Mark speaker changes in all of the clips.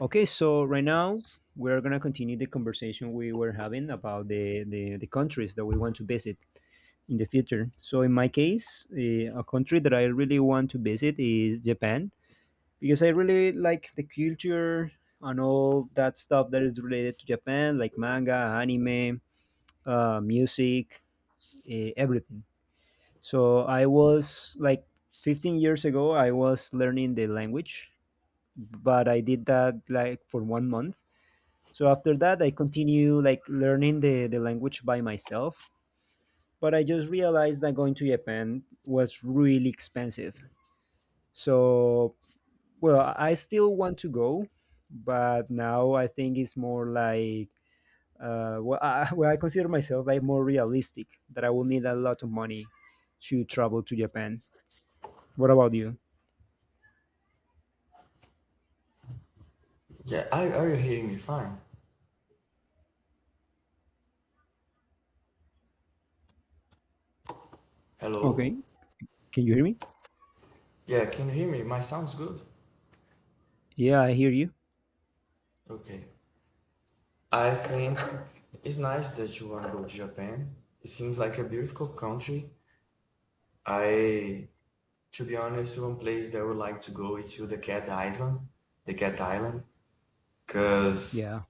Speaker 1: Okay, so right now we're gonna continue the conversation we were having about the countries that we want to visit in the future. So in my case, a country that I really want to visit is Japan because I really like the culture and all that stuff that is related to Japan, like manga, anime, music, everything. So I was like 15 years ago, I was learning the language, but I did that like for one month. So after that, I continue like learning the language by myself. But I just realized that going to Japan was really expensive. So, well, I still want to go, but now I think it's more like, well, well, I consider myself like more realistic that I will need a lot of money to travel to Japan. What about you?
Speaker 2: Yeah, are, you hearing me fine? Hello?
Speaker 1: Okay. Can you hear me?
Speaker 2: Yeah, can you hear me? My sound's good.
Speaker 1: Yeah, I hear you.
Speaker 2: Okay. I think it's nice that you want to go to Japan. It seems like a beautiful country. I, to be honest, one place that I would like to go is to the Cat Island, because
Speaker 1: Yeah.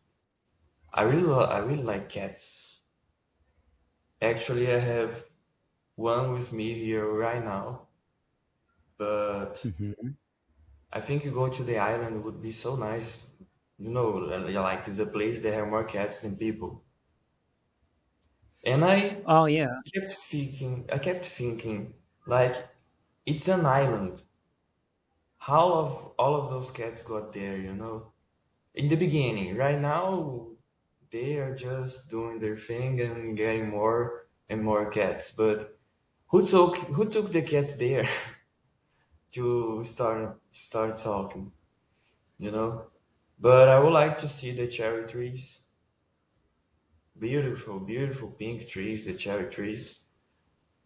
Speaker 2: I really, I really like cats. Actually, I have one with me here right now, but
Speaker 1: Hmm.
Speaker 2: I think you go to the island would be so nice. You know, like it's a place that have more cats than people. And
Speaker 1: Oh, yeah.
Speaker 2: I kept thinking, like it's an island. How of all of those cats got there? You know, in the beginning. Right now, they are just doing their thing and getting more and more cats. But who took the cats there to start talking? You know. But I would like to see the cherry trees. Beautiful, beautiful pink trees, the cherry trees.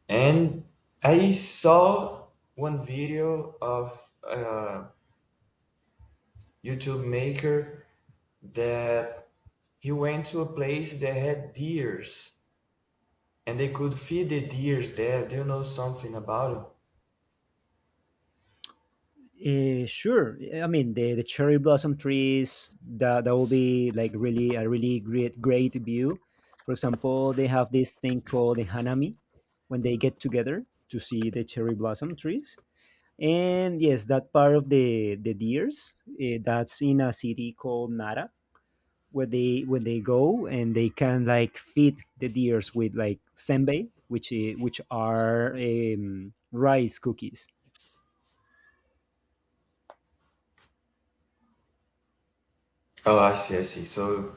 Speaker 2: And I saw one video of a YouTube maker that he went to a place that had deers and they could feed the deers there. Do you know something about it?
Speaker 1: Sure. I mean the cherry blossom trees that will be like really a really great view. For example, they have this thing called the hanami when they get together to see the cherry blossom trees. And yes, that part of the deers, that's in a city called Nara where they go and they can like feed the deers with like senbei, which are rice cookies.
Speaker 2: Oh, I see, I see. So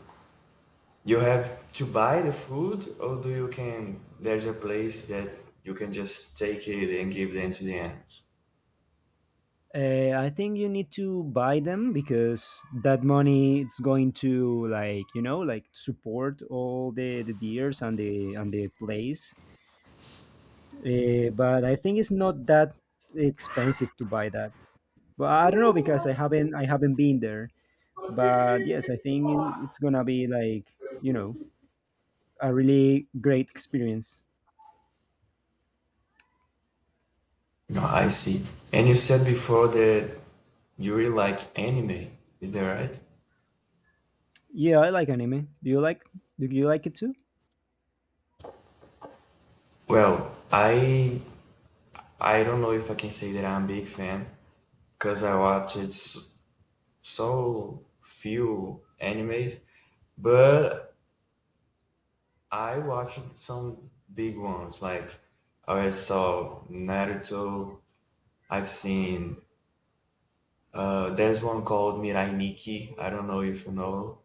Speaker 2: you have to buy the food, or do you can? There's a place that you can just take it and give them to the animals.
Speaker 1: I think you need to buy them because that money it's going to like like support all the deers and the place. But I think it's not that expensive to buy that. But I don't know because I haven't been there. But yes, I think it's gonna be like a really great experience.
Speaker 2: No, I see. And you said before that you really like anime. Is that right?
Speaker 1: Yeah, I like anime. Do you like it too?
Speaker 2: Well, I I don't know if I can say that I'm a big fan because I watched so few animes, but I watched some big ones. Like I saw Naruto. I've seen there's one called Mirai Nikki. I don't know if you know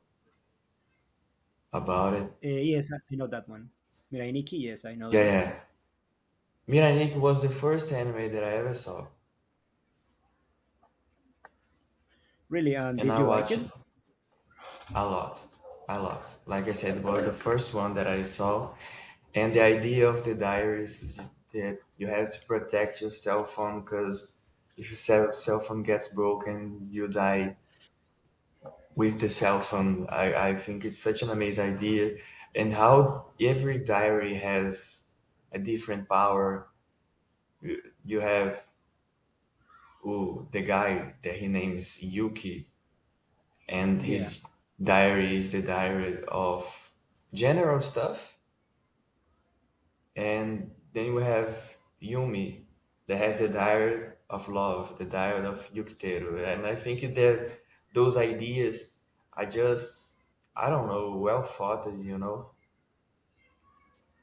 Speaker 2: about it.
Speaker 1: Yes, I know that one. Mirai Nikki, yes, I know
Speaker 2: Yeah,
Speaker 1: it.
Speaker 2: yeah. Mirai Nikki was the first anime that I ever saw,
Speaker 1: Really? And
Speaker 2: and
Speaker 1: did
Speaker 2: I
Speaker 1: you like
Speaker 2: watched
Speaker 1: it?
Speaker 2: it a lot, a lot. Like I said, it was the first one that I saw, and the idea of the diaries is that you have to protect your cell phone because if your cell phone gets broken, you die with the cell phone. I think it's such an amazing idea, and how every diary has a different power. You have the guy that he names Yuki, and
Speaker 1: Yeah,
Speaker 2: his diary is the diary of general stuff, and then we have Yumi that has the diary of love, the diary of Yukiteru, and I think that those ideas are just I don't know well thought, you know.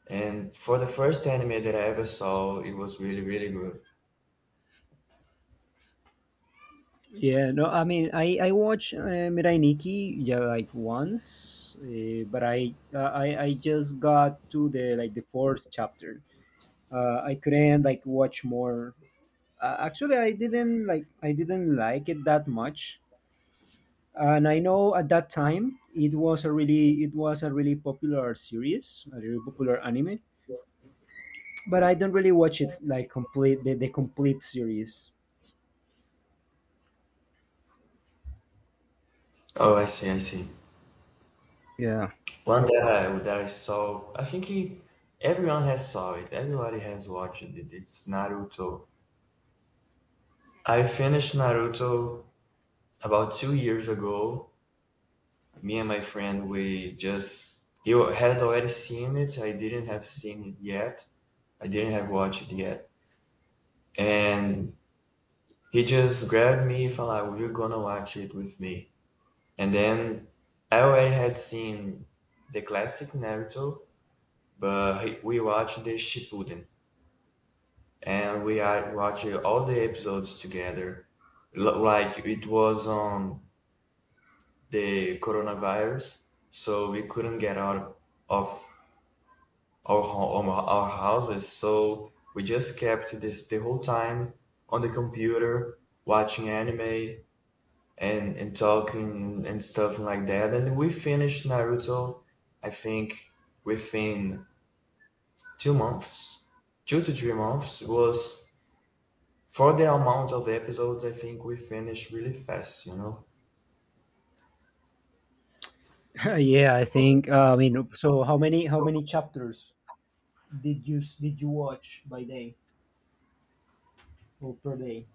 Speaker 2: And for the first anime that I ever saw, it was really, really good.
Speaker 1: yeah. No, I mean, I watch Mirai Nikki, yeah, like once, but I just got to the fourth chapter. I couldn't like watch more. Actually, I didn't like it that much, and I know at that time it was a really popular series, a really popular anime. But I don't really watch it like complete the complete series.
Speaker 2: Oh, I see, I see.
Speaker 1: Yeah.
Speaker 2: One that I saw, I think everyone has saw it. Everybody has watched it. It's Naruto. I finished Naruto about 2 years ago. Me and my friend, we just he had already seen it. I didn't have seen it yet. I didn't have watched it yet. And he just grabbed me, and like, "You're gonna watch it with me." And then I already had seen the classic Naruto, but we watched the Shippuden and we watching all the episodes together. Like it was on the coronavirus, so we couldn't get out of our our houses. So we just kept this the whole time on the computer watching anime and talking and stuff like that. And we finished Naruto, I think within two months, 2 to 3 months. It was for the amount of episodes. I think we finished really fast. You know.
Speaker 1: Yeah, I think. I mean, so how many chapters did you watch by day or per day?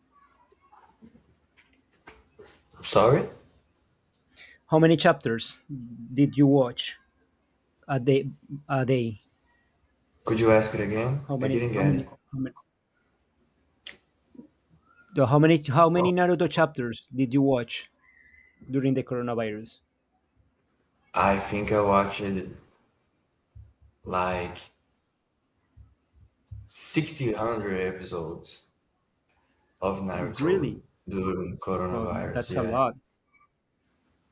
Speaker 2: Sorry.
Speaker 1: How many chapters did you watch a day a day?
Speaker 2: Could you ask it again?
Speaker 1: How
Speaker 2: I
Speaker 1: many
Speaker 2: didn't
Speaker 1: how
Speaker 2: get it.
Speaker 1: many how many Naruto chapters did you watch during the coronavirus?
Speaker 2: I think I watched like 1600 episodes of Naruto
Speaker 1: Really?
Speaker 2: during
Speaker 1: Well,
Speaker 2: coronavirus.
Speaker 1: that's a
Speaker 2: Yeah,
Speaker 1: lot.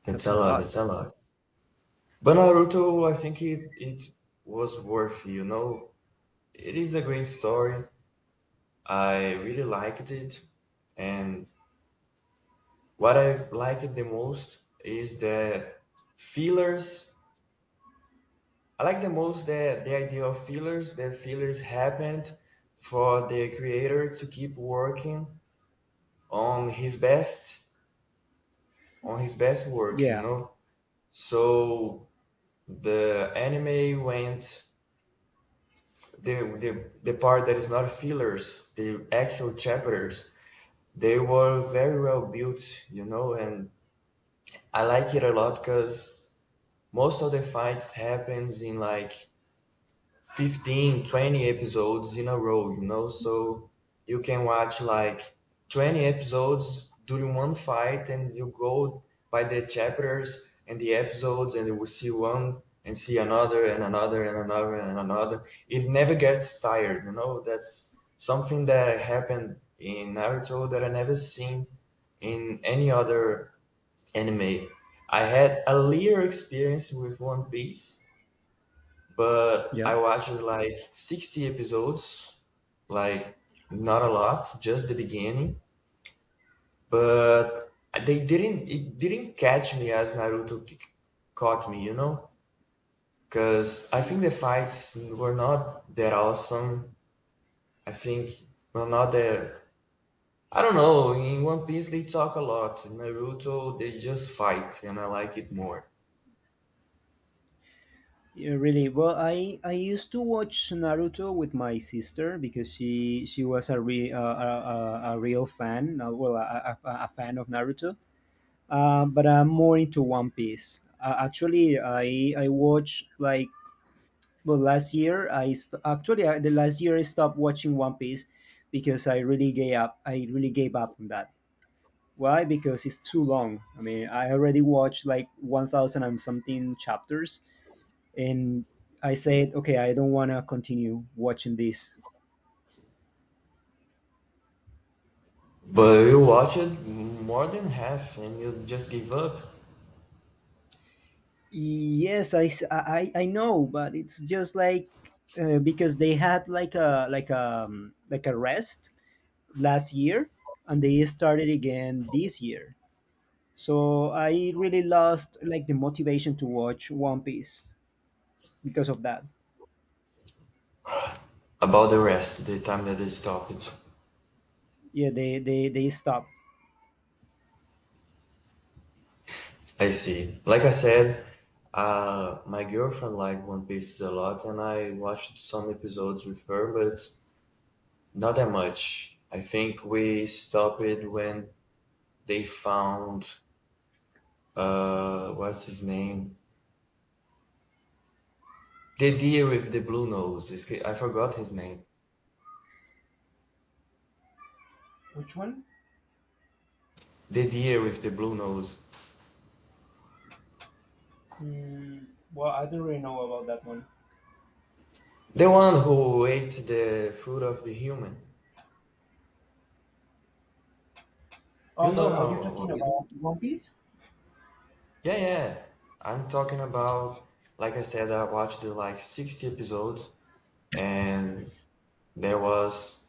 Speaker 2: that's
Speaker 1: That's a
Speaker 2: a lot.
Speaker 1: lot.
Speaker 2: That's a lot. But Naruto, I think it was worth, you know. It is a great story. I really liked it. And what I liked the most is the fillers. I like the most the idea of fillers. The fillers happened for the creator to keep working on his best on his best work, you
Speaker 1: Yeah.
Speaker 2: know. So the anime went the part that is not fillers, the actual chapters, they were very well built, you know, and I like it a lot because most of the fights happens in like 15, 20 episodes in a row, you know. So you can watch like 20 episodes during one fight, and you go by the chapters and the episodes, and you will see one and see another and another and another and another. It never gets tired, you know. That's something that happened in Naruto that I never seen in any other anime. I had a little experience with One Piece, but
Speaker 1: Yeah.
Speaker 2: I watched like 60 episodes, like not a lot, just the beginning. But they didn't, it didn't catch me as Naruto caught me, you know? Because I think the fights were not that awesome. I think, well, not that. I don't know. In One Piece, they talk a lot. In Naruto, they just fight, and I like it more.
Speaker 1: Yeah, really. Well, I used to watch Naruto with my sister because she was a real fan, well, a fan of Naruto. But I'm more into One Piece. Actually, I watched like, well, last year. I st- actually I, The last year I stopped watching One Piece because I really gave up. I really gave up on that. Why? Because it's too long. I mean, I already watched like 1,000 and something chapters, and I said, okay, I don't want to continue watching this.
Speaker 2: But you watch it more than half, and you just give up.
Speaker 1: Yes, I know, but it's just like, because they had like a like a like a rest last year, and they started again this year. So I really lost like the motivation to watch One Piece because of that.
Speaker 2: About the rest, the time that they stopped.
Speaker 1: Yeah, they stopped.
Speaker 2: I see. Like I said, my girlfriend liked One Piece a lot, and I watched some episodes with her, but not that much. I think we stopped it when they found what's his name? The deer with the blue nose. I forgot his name.
Speaker 1: Which one?
Speaker 2: The deer with the blue nose.
Speaker 1: Mm, well, I don't really know about that one.
Speaker 2: The one who ate the fruit of the human.
Speaker 1: Oh,
Speaker 2: You know
Speaker 1: but are you talking
Speaker 2: how
Speaker 1: about One Piece?
Speaker 2: yeah, yeah, yeah. I'm talking about, like I said, I watched the like 60 episodes, and there was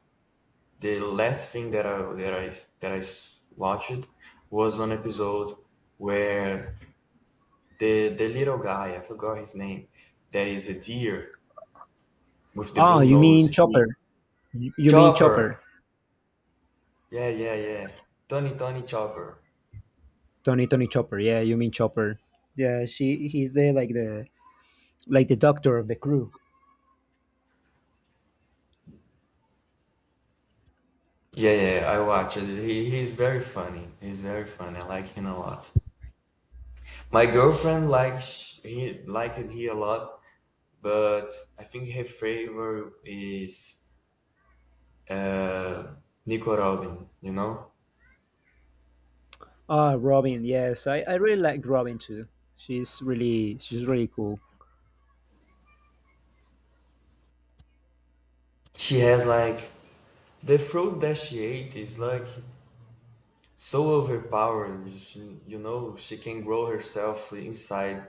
Speaker 2: the last thing that watched was one episode where the little guy, I forgot his name, that is a deer with the
Speaker 1: Oh,
Speaker 2: blue
Speaker 1: you
Speaker 2: nose.
Speaker 1: mean
Speaker 2: He,
Speaker 1: Chopper? You mean
Speaker 2: Chopper.
Speaker 1: Chopper?
Speaker 2: Yeah, yeah, yeah. Tony Tony Chopper.
Speaker 1: Tony, Tony Chopper. Yeah, you mean Chopper. Yeah, she he's the doctor of the crew.
Speaker 2: Yeah, yeah, I watched it. He's very funny. He's very funny. I like him a lot. My girlfriend likes he liked he a lot, but I think her favorite is uh, Nico Robin. You know,
Speaker 1: Ah, Robin. Yes, I really like Robin too. She's really cool.
Speaker 2: she has like the fruit that she ate is like so overpowering. She, you know, she can grow herself inside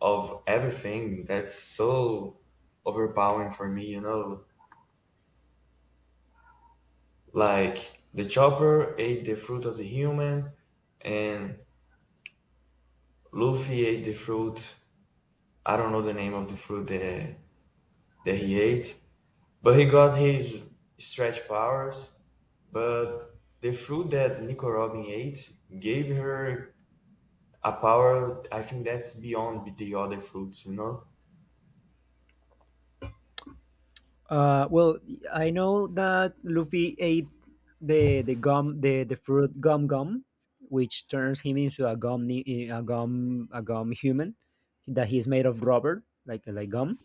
Speaker 2: of everything. That's so overpowering for me. You know, like the chopper ate the fruit of the human, and Luffy ate the fruit I don't know the name of the fruit that he ate, but he got his stretch powers. But the fruit that Nico Robin ate gave her a power. I think that's beyond the other fruits, you know.
Speaker 1: Well, I know that Luffy ate the fruit gum gum, which turns him into a gum ni- eh, a gum human, that he's made of rubber like gum.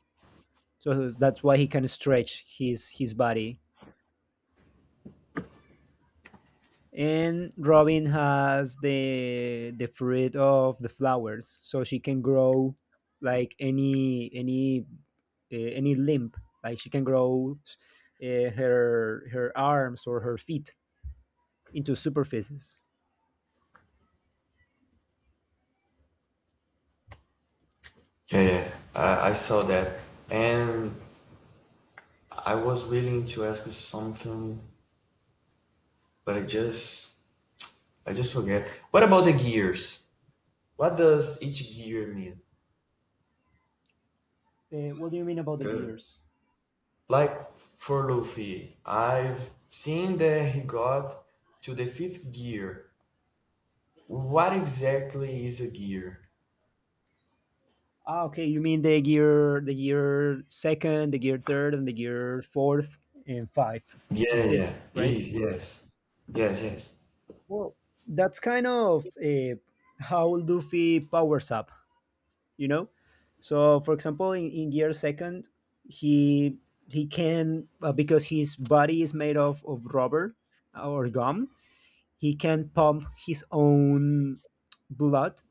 Speaker 1: So that's why he can stretch his body. And Robin has the fruit of the flowers, so she can grow like any limb. Like she can grow, her arms or her feet into superfices.
Speaker 2: Yeah, yeah, I saw that, and I was willing to ask you something, but I just forget. What about the gears? What does each gear mean?
Speaker 1: What do you mean about the
Speaker 2: Good.
Speaker 1: gears?
Speaker 2: Like for Luffy, I've seen that he got to the fifth gear. What exactly is a gear?
Speaker 1: Ah, okay. You mean the gear second, the gear third, and the gear fourth, and five,
Speaker 2: Yeah,
Speaker 1: and
Speaker 2: yeah,
Speaker 1: fifth, right?
Speaker 2: yes, yes, yes.
Speaker 1: Well, that's kind of, how Luffy powers up, you know. So, for example, in gear second, he he can, because his body is made of rubber or gum. He can pump his own blood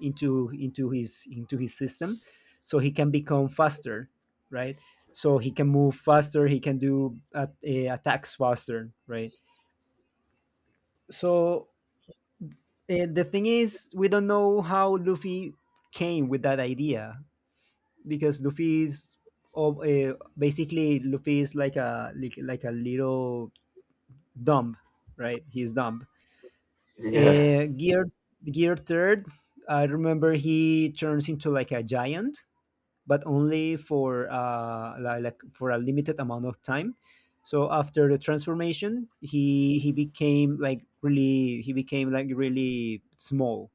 Speaker 1: into his system so he can become faster, right? So he can move faster, he can do attacks faster, right? So, the thing is we don't know how Luffy came with that idea because basically, Luffy is like a, like a little dumb, right? He's dumb.
Speaker 2: Yeah,
Speaker 1: uh, gear gear third, I remember he turns into like a giant, but only for like for a limited amount of time. So after the transformation, he became like really he became like really small,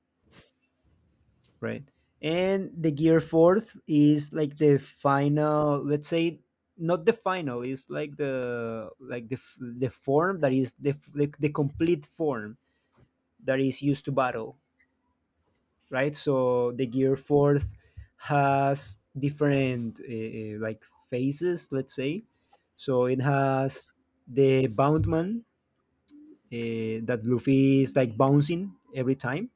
Speaker 1: right? And the gear fourth is like the final, let's say, not the final, it's like the form that is the the complete form that is used to battle, right? So the Gear Fourth has different, like, phases, let's say. So it has the Boundman, that Luffy is like bouncing every time.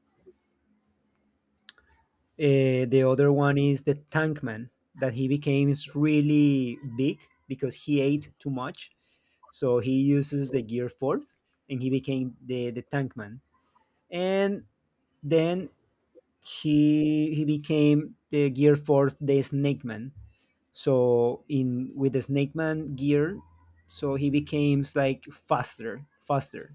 Speaker 1: The other one is the Tankman, that he becomes really big because he ate too much. So he uses the Gear Fourth and he became the Tankman. And then he became the gear fourth, the snake man. So in with the snake man gear, so he becomes like faster,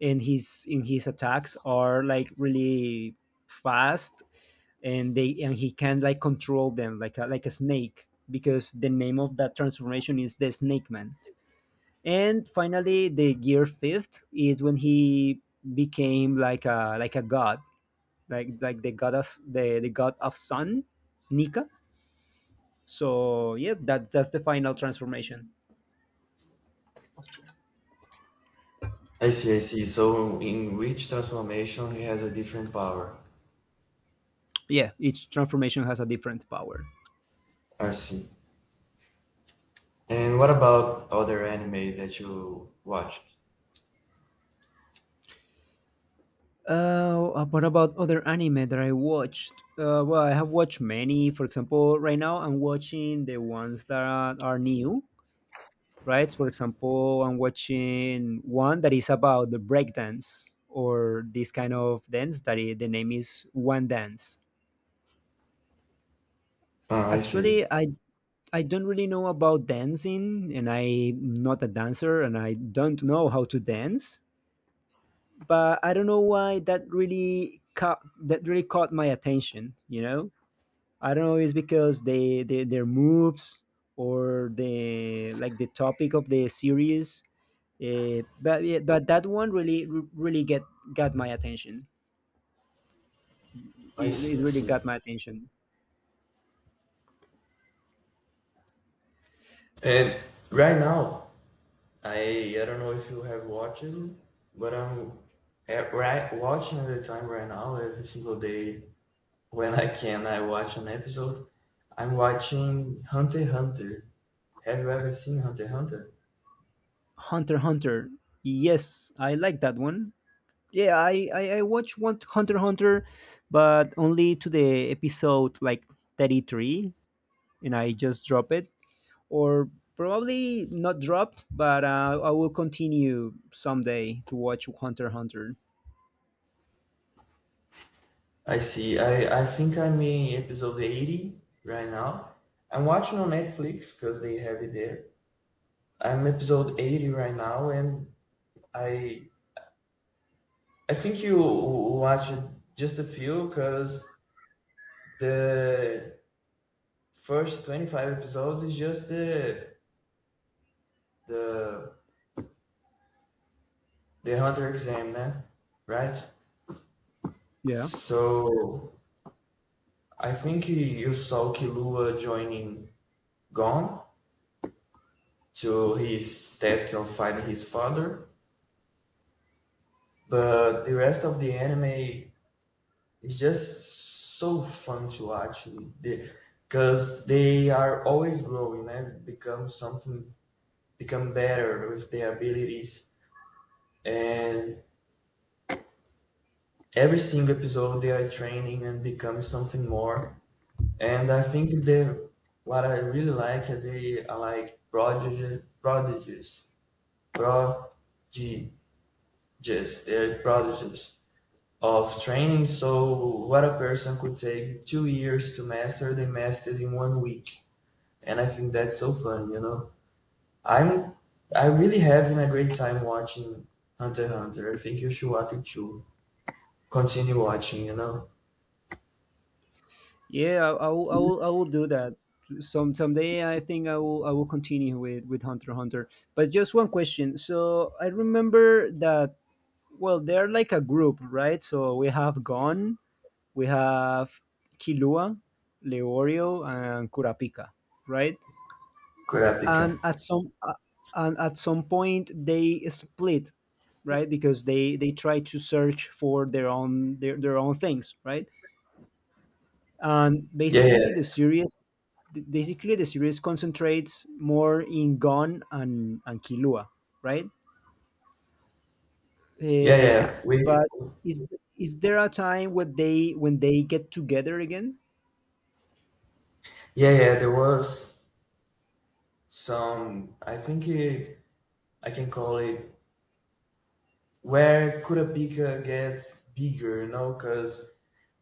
Speaker 1: and his in his attacks are like really fast, and they and he can like control them like a snake, because the name of that transformation is the snake man. And finally, the gear fifth is when he became like a god, like the goddess, the god of sun, Nika. So yeah, that's the final transformation.
Speaker 2: I see, I see. So in which transformation he has a different power?
Speaker 1: Yeah, each transformation has a different power.
Speaker 2: I see. And what about other anime that you watched?
Speaker 1: What about other anime that I watched? Well, I have watched many. For example, right now I'm watching the ones that are new, right? For example, I'm watching one that is about the breakdance or this kind of dance the name is One Dance.
Speaker 2: Ah, I see.
Speaker 1: Actually, I don't really know about dancing, and I'm not a dancer, and I don't know how to dance. But I don't know why that really caught my attention. I don't know. It's because they their moves or the topic of the series. But yeah, but that one really really get got my attention.
Speaker 2: I
Speaker 1: It,
Speaker 2: see,
Speaker 1: it
Speaker 2: I
Speaker 1: really
Speaker 2: see.
Speaker 1: got my attention.
Speaker 2: And right now, I don't know if you have watched it, but I'm right watching at the time right now every single day when I can I watch an episode. I'm watching Hunter x Hunter. Have you ever seen Hunter x Hunter?
Speaker 1: Hunter x Hunter. Yes, I like that one. Yeah, I watched one Hunter x Hunter, but only to the episode like 33, and I just drop it, or probably not dropped, but, I will continue someday to watch Hunter x Hunter.
Speaker 2: I see. I think I'm in episode 80 right now. I'm watching on Netflix because they have it there. I'm episode 80 right now, and I I think you watched just a few because the first 25 episodes is just the the hunter exam, né? Right?
Speaker 1: Yeah,
Speaker 2: So I think you saw Kilua joining Gon to his task of finding his father, but the rest of the anime is just so fun to watch. The, because they are always growing and become something, become better with their abilities. And every single episode they are training and becoming something more. And I think the what I really like are they are like prodigies, prodigies, prodigies. They're prodigies of training. So what a person could take 2 years to master, they mastered in 1 week. And I think that's so fun, you know. I'm I really having a great time watching Hunter x Hunter. I think you should watch it too. Continue watching, you know.
Speaker 1: yeah, I will do that. Someday I think I will continue with Hunter x Hunter. But just one question. So I remember that, well, they're like a group, right? So we have Gon, we have Kilua, Leorio, and Kurapika, right?
Speaker 2: Kurapika.
Speaker 1: And at some point, they split, right? Because they try to search for their own things, right? And
Speaker 2: Yeah, yeah.
Speaker 1: basically, the series concentrates more in Gon and Kilua, right?
Speaker 2: Yeah,
Speaker 1: Uh,
Speaker 2: yeah. We
Speaker 1: but is is there a time when they get together again?
Speaker 2: yeah, yeah, there was some I think it, I can call it where Curapika gets bigger, you know, because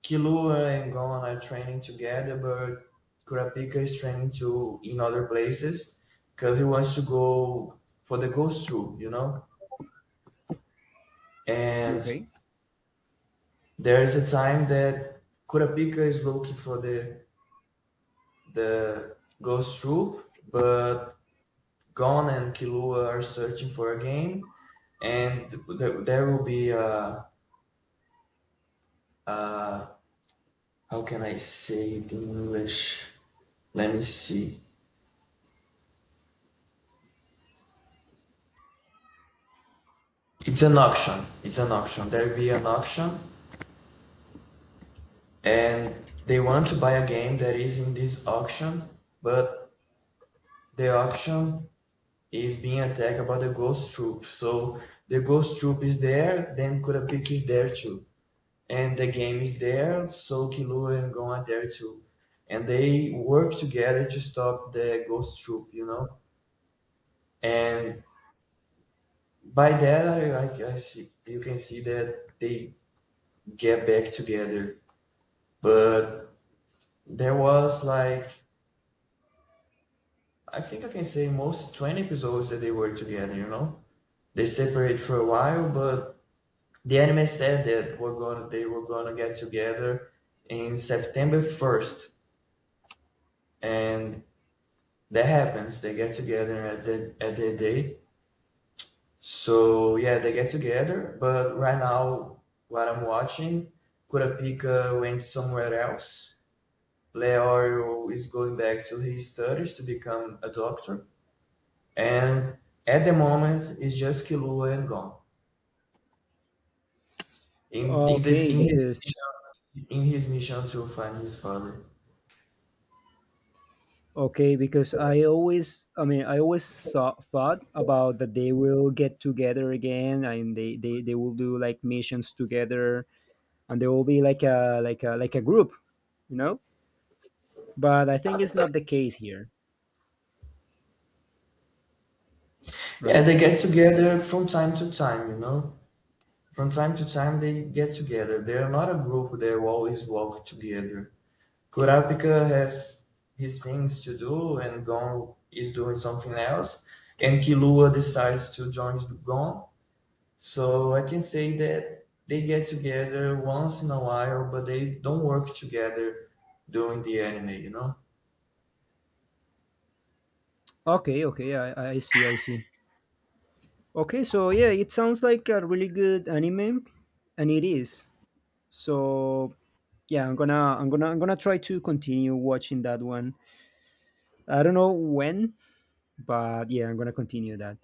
Speaker 2: Kilua and Gon are training together, but Kurapika is training to in other places because he wants to go for the ghost troop, you know? And
Speaker 1: Okay.
Speaker 2: there is a time that Kurapika is looking for the the ghost troop, but Gon and Killua are searching for a game, and there will be a how can I say it in English? Let me see. It's an auction. It's an auction. There will be an auction, and they want to buy a game that is in this auction, but the auction is being attacked by the ghost troop. So the ghost troop is there, then Kurapika is there too. And the game is there, so Killua and Gon are there too. And they work together to stop the ghost troop, you know? And by that, I see, you can see that they get back together. But there was like, I think I can say most 20 episodes that they were together, you know? They separate for a while, but the anime said that they were gonna get together in September 1st. And that happens. They get together at the day. So yeah, they get together. But right now, what I'm watching, Kurapika went somewhere else. Leorio is going back to his studies to become a doctor, and at the moment, it's just Killua and Gon. In in this
Speaker 1: Okay,
Speaker 2: in his
Speaker 1: because
Speaker 2: mission, in his mission to find his father.
Speaker 1: Okay, because I mean, I always thought about that they will get together again, and they will do like missions together, and they will be like a group, you know. But I think it's not the case here,
Speaker 2: Yeah,
Speaker 1: right?
Speaker 2: they get together from time to time, you know. From time to time they get together. They are not a group that always walk together. Kurapika has his things to do and Gon is doing something else. And Kilua decides to join Gon. So I can say that they get together once in a while, but they don't work together during the anime, you know?
Speaker 1: Okay, okay, I see, I see. Okay, so yeah, it sounds like a really good anime, and it is. So yeah, I'm gonna try to continue watching that one. I don't know when, but yeah, I'm gonna continue that.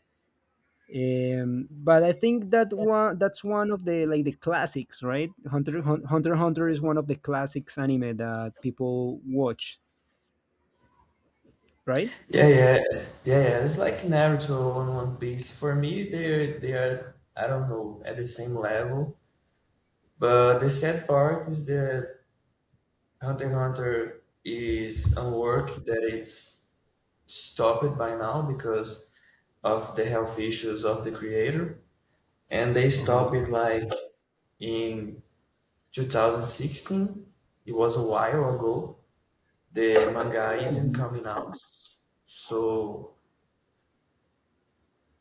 Speaker 1: But I think that's one of the classics, right? Hunter x Hunter is one of the classics anime that people watch, right?
Speaker 2: Yeah, yeah, yeah, yeah. It's like Naruto and One Piece. For me, they are I don't know at the same level. But the sad part is that Hunter x Hunter is a work that it's stopped by now because of the health issues of the creator, and they stopped
Speaker 1: Uh-huh.
Speaker 2: it like in 2016. It was a while ago. The manga isn't
Speaker 1: Mhm.
Speaker 2: coming out, so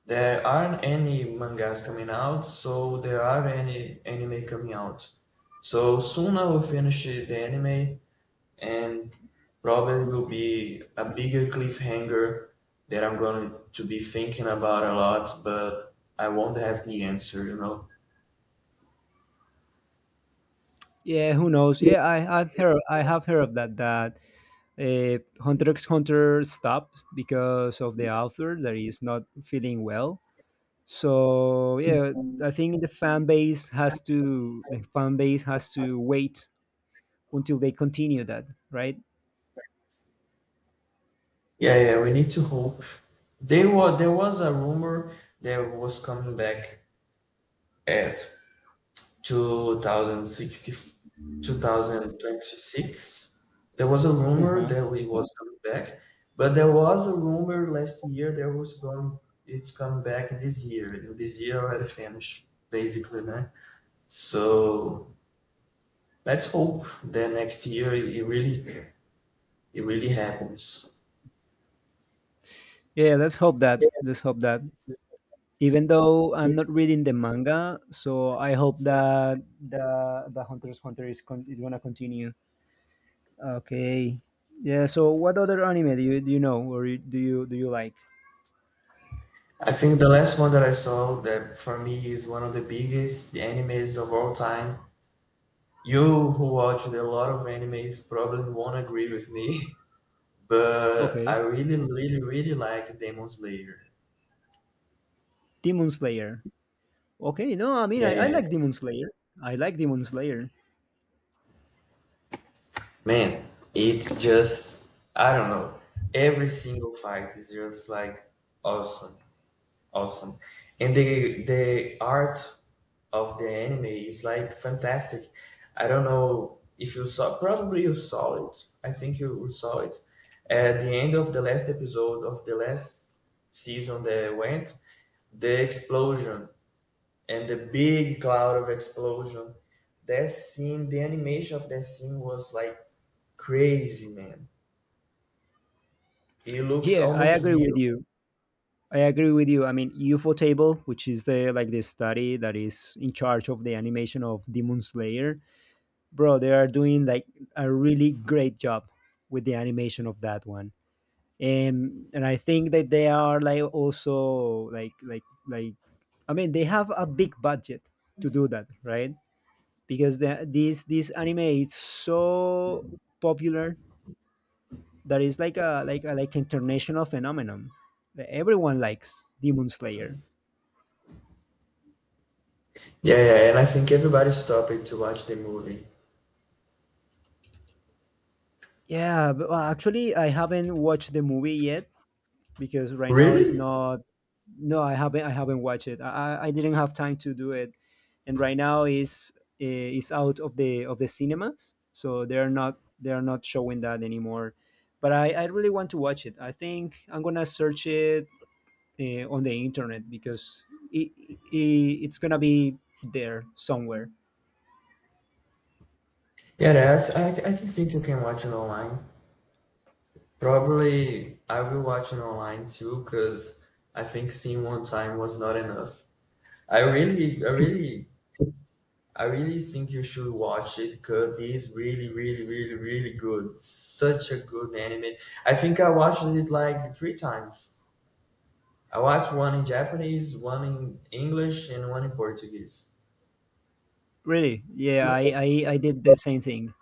Speaker 2: there aren't any mangas coming out. So there are any anime coming out. So soon I will finish the anime and probably will be a bigger cliffhanger that I'm going to be thinking about a lot, but I won't have the answer, you know.
Speaker 1: Yeah, who knows? Yeah, I have heard of that, that, uh, Hunter x Hunter stopped because of the author that is not feeling well. So
Speaker 2: So,
Speaker 1: yeah, I think the fan base has to the fan base has to wait until they continue that, right?
Speaker 2: yeah, yeah, we need to hope. They were, there was a rumor that was coming back at 2060, 2026. There was a rumor
Speaker 1: Uh-huh.
Speaker 2: that we was coming back, but there was a rumor last year that was going, it's coming back this year. And this year already finished, basically, man. So let's hope that next year it really, it really happens.
Speaker 1: Yeah, let's hope that.
Speaker 2: Yeah.
Speaker 1: Let's hope that. Even though I'm not reading the manga, so I hope that the Hunter's Hunter is gonna continue. Okay. Yeah. So, what other anime do you know, or you, do you do you like?
Speaker 2: I think the last one that I saw that for me is one of the biggest animes of all time. You who watched a lot of animes probably won't agree with me, but
Speaker 1: Okay,
Speaker 2: I really, really, really like Demon Slayer.
Speaker 1: Demon Slayer. Okay. No, I mean,
Speaker 2: Yeah,
Speaker 1: I
Speaker 2: yeah.
Speaker 1: like Demon Slayer. I like Demon Slayer.
Speaker 2: Man, it's just, I don't know. Every single fight is just like awesome. Awesome. And the art of the anime is like fantastic. I don't know if you saw, probably you saw it. I think you saw it. At the end of the last episode of the last season that went, the explosion and the big cloud of explosion. That scene, the animation of that scene was like crazy, man. It looks
Speaker 1: Yeah, I
Speaker 2: almost
Speaker 1: agree with
Speaker 2: real.
Speaker 1: you. I agree with you. I mean, UFO Table, which is the study that is in charge of the animation of Demon Slayer, bro, they are doing like a really great job with the animation of that one. And I think that they are like also I mean, they have a big budget to do that, right? Because the, this anime is so popular that it's like a international phenomenon, that everyone likes Demon Slayer.
Speaker 2: Yeah, yeah, and I think everybody stopped it to watch the movie.
Speaker 1: Yeah, but, well, actually, I haven't watched the movie yet, because right now it's
Speaker 2: Really?
Speaker 1: not. No, I haven't. I haven't watched it. I didn't have time to do it, and right now is out of the cinemas, so they're not showing that anymore. But I really want to watch it. I think I'm gonna search it on the internet, because it, it's gonna be there somewhere.
Speaker 2: Yeah, yes, I can think you can watch it online. Probably I will watch it online too, because I think seeing one time was not enough. I really, I really, I really think you should watch it because it is really, really, really, really good. Such a good anime. I think I watched it like 3 times. I watched one in Japanese, one in English, and one in Portuguese.
Speaker 1: Really? Yeah, I did the same thing.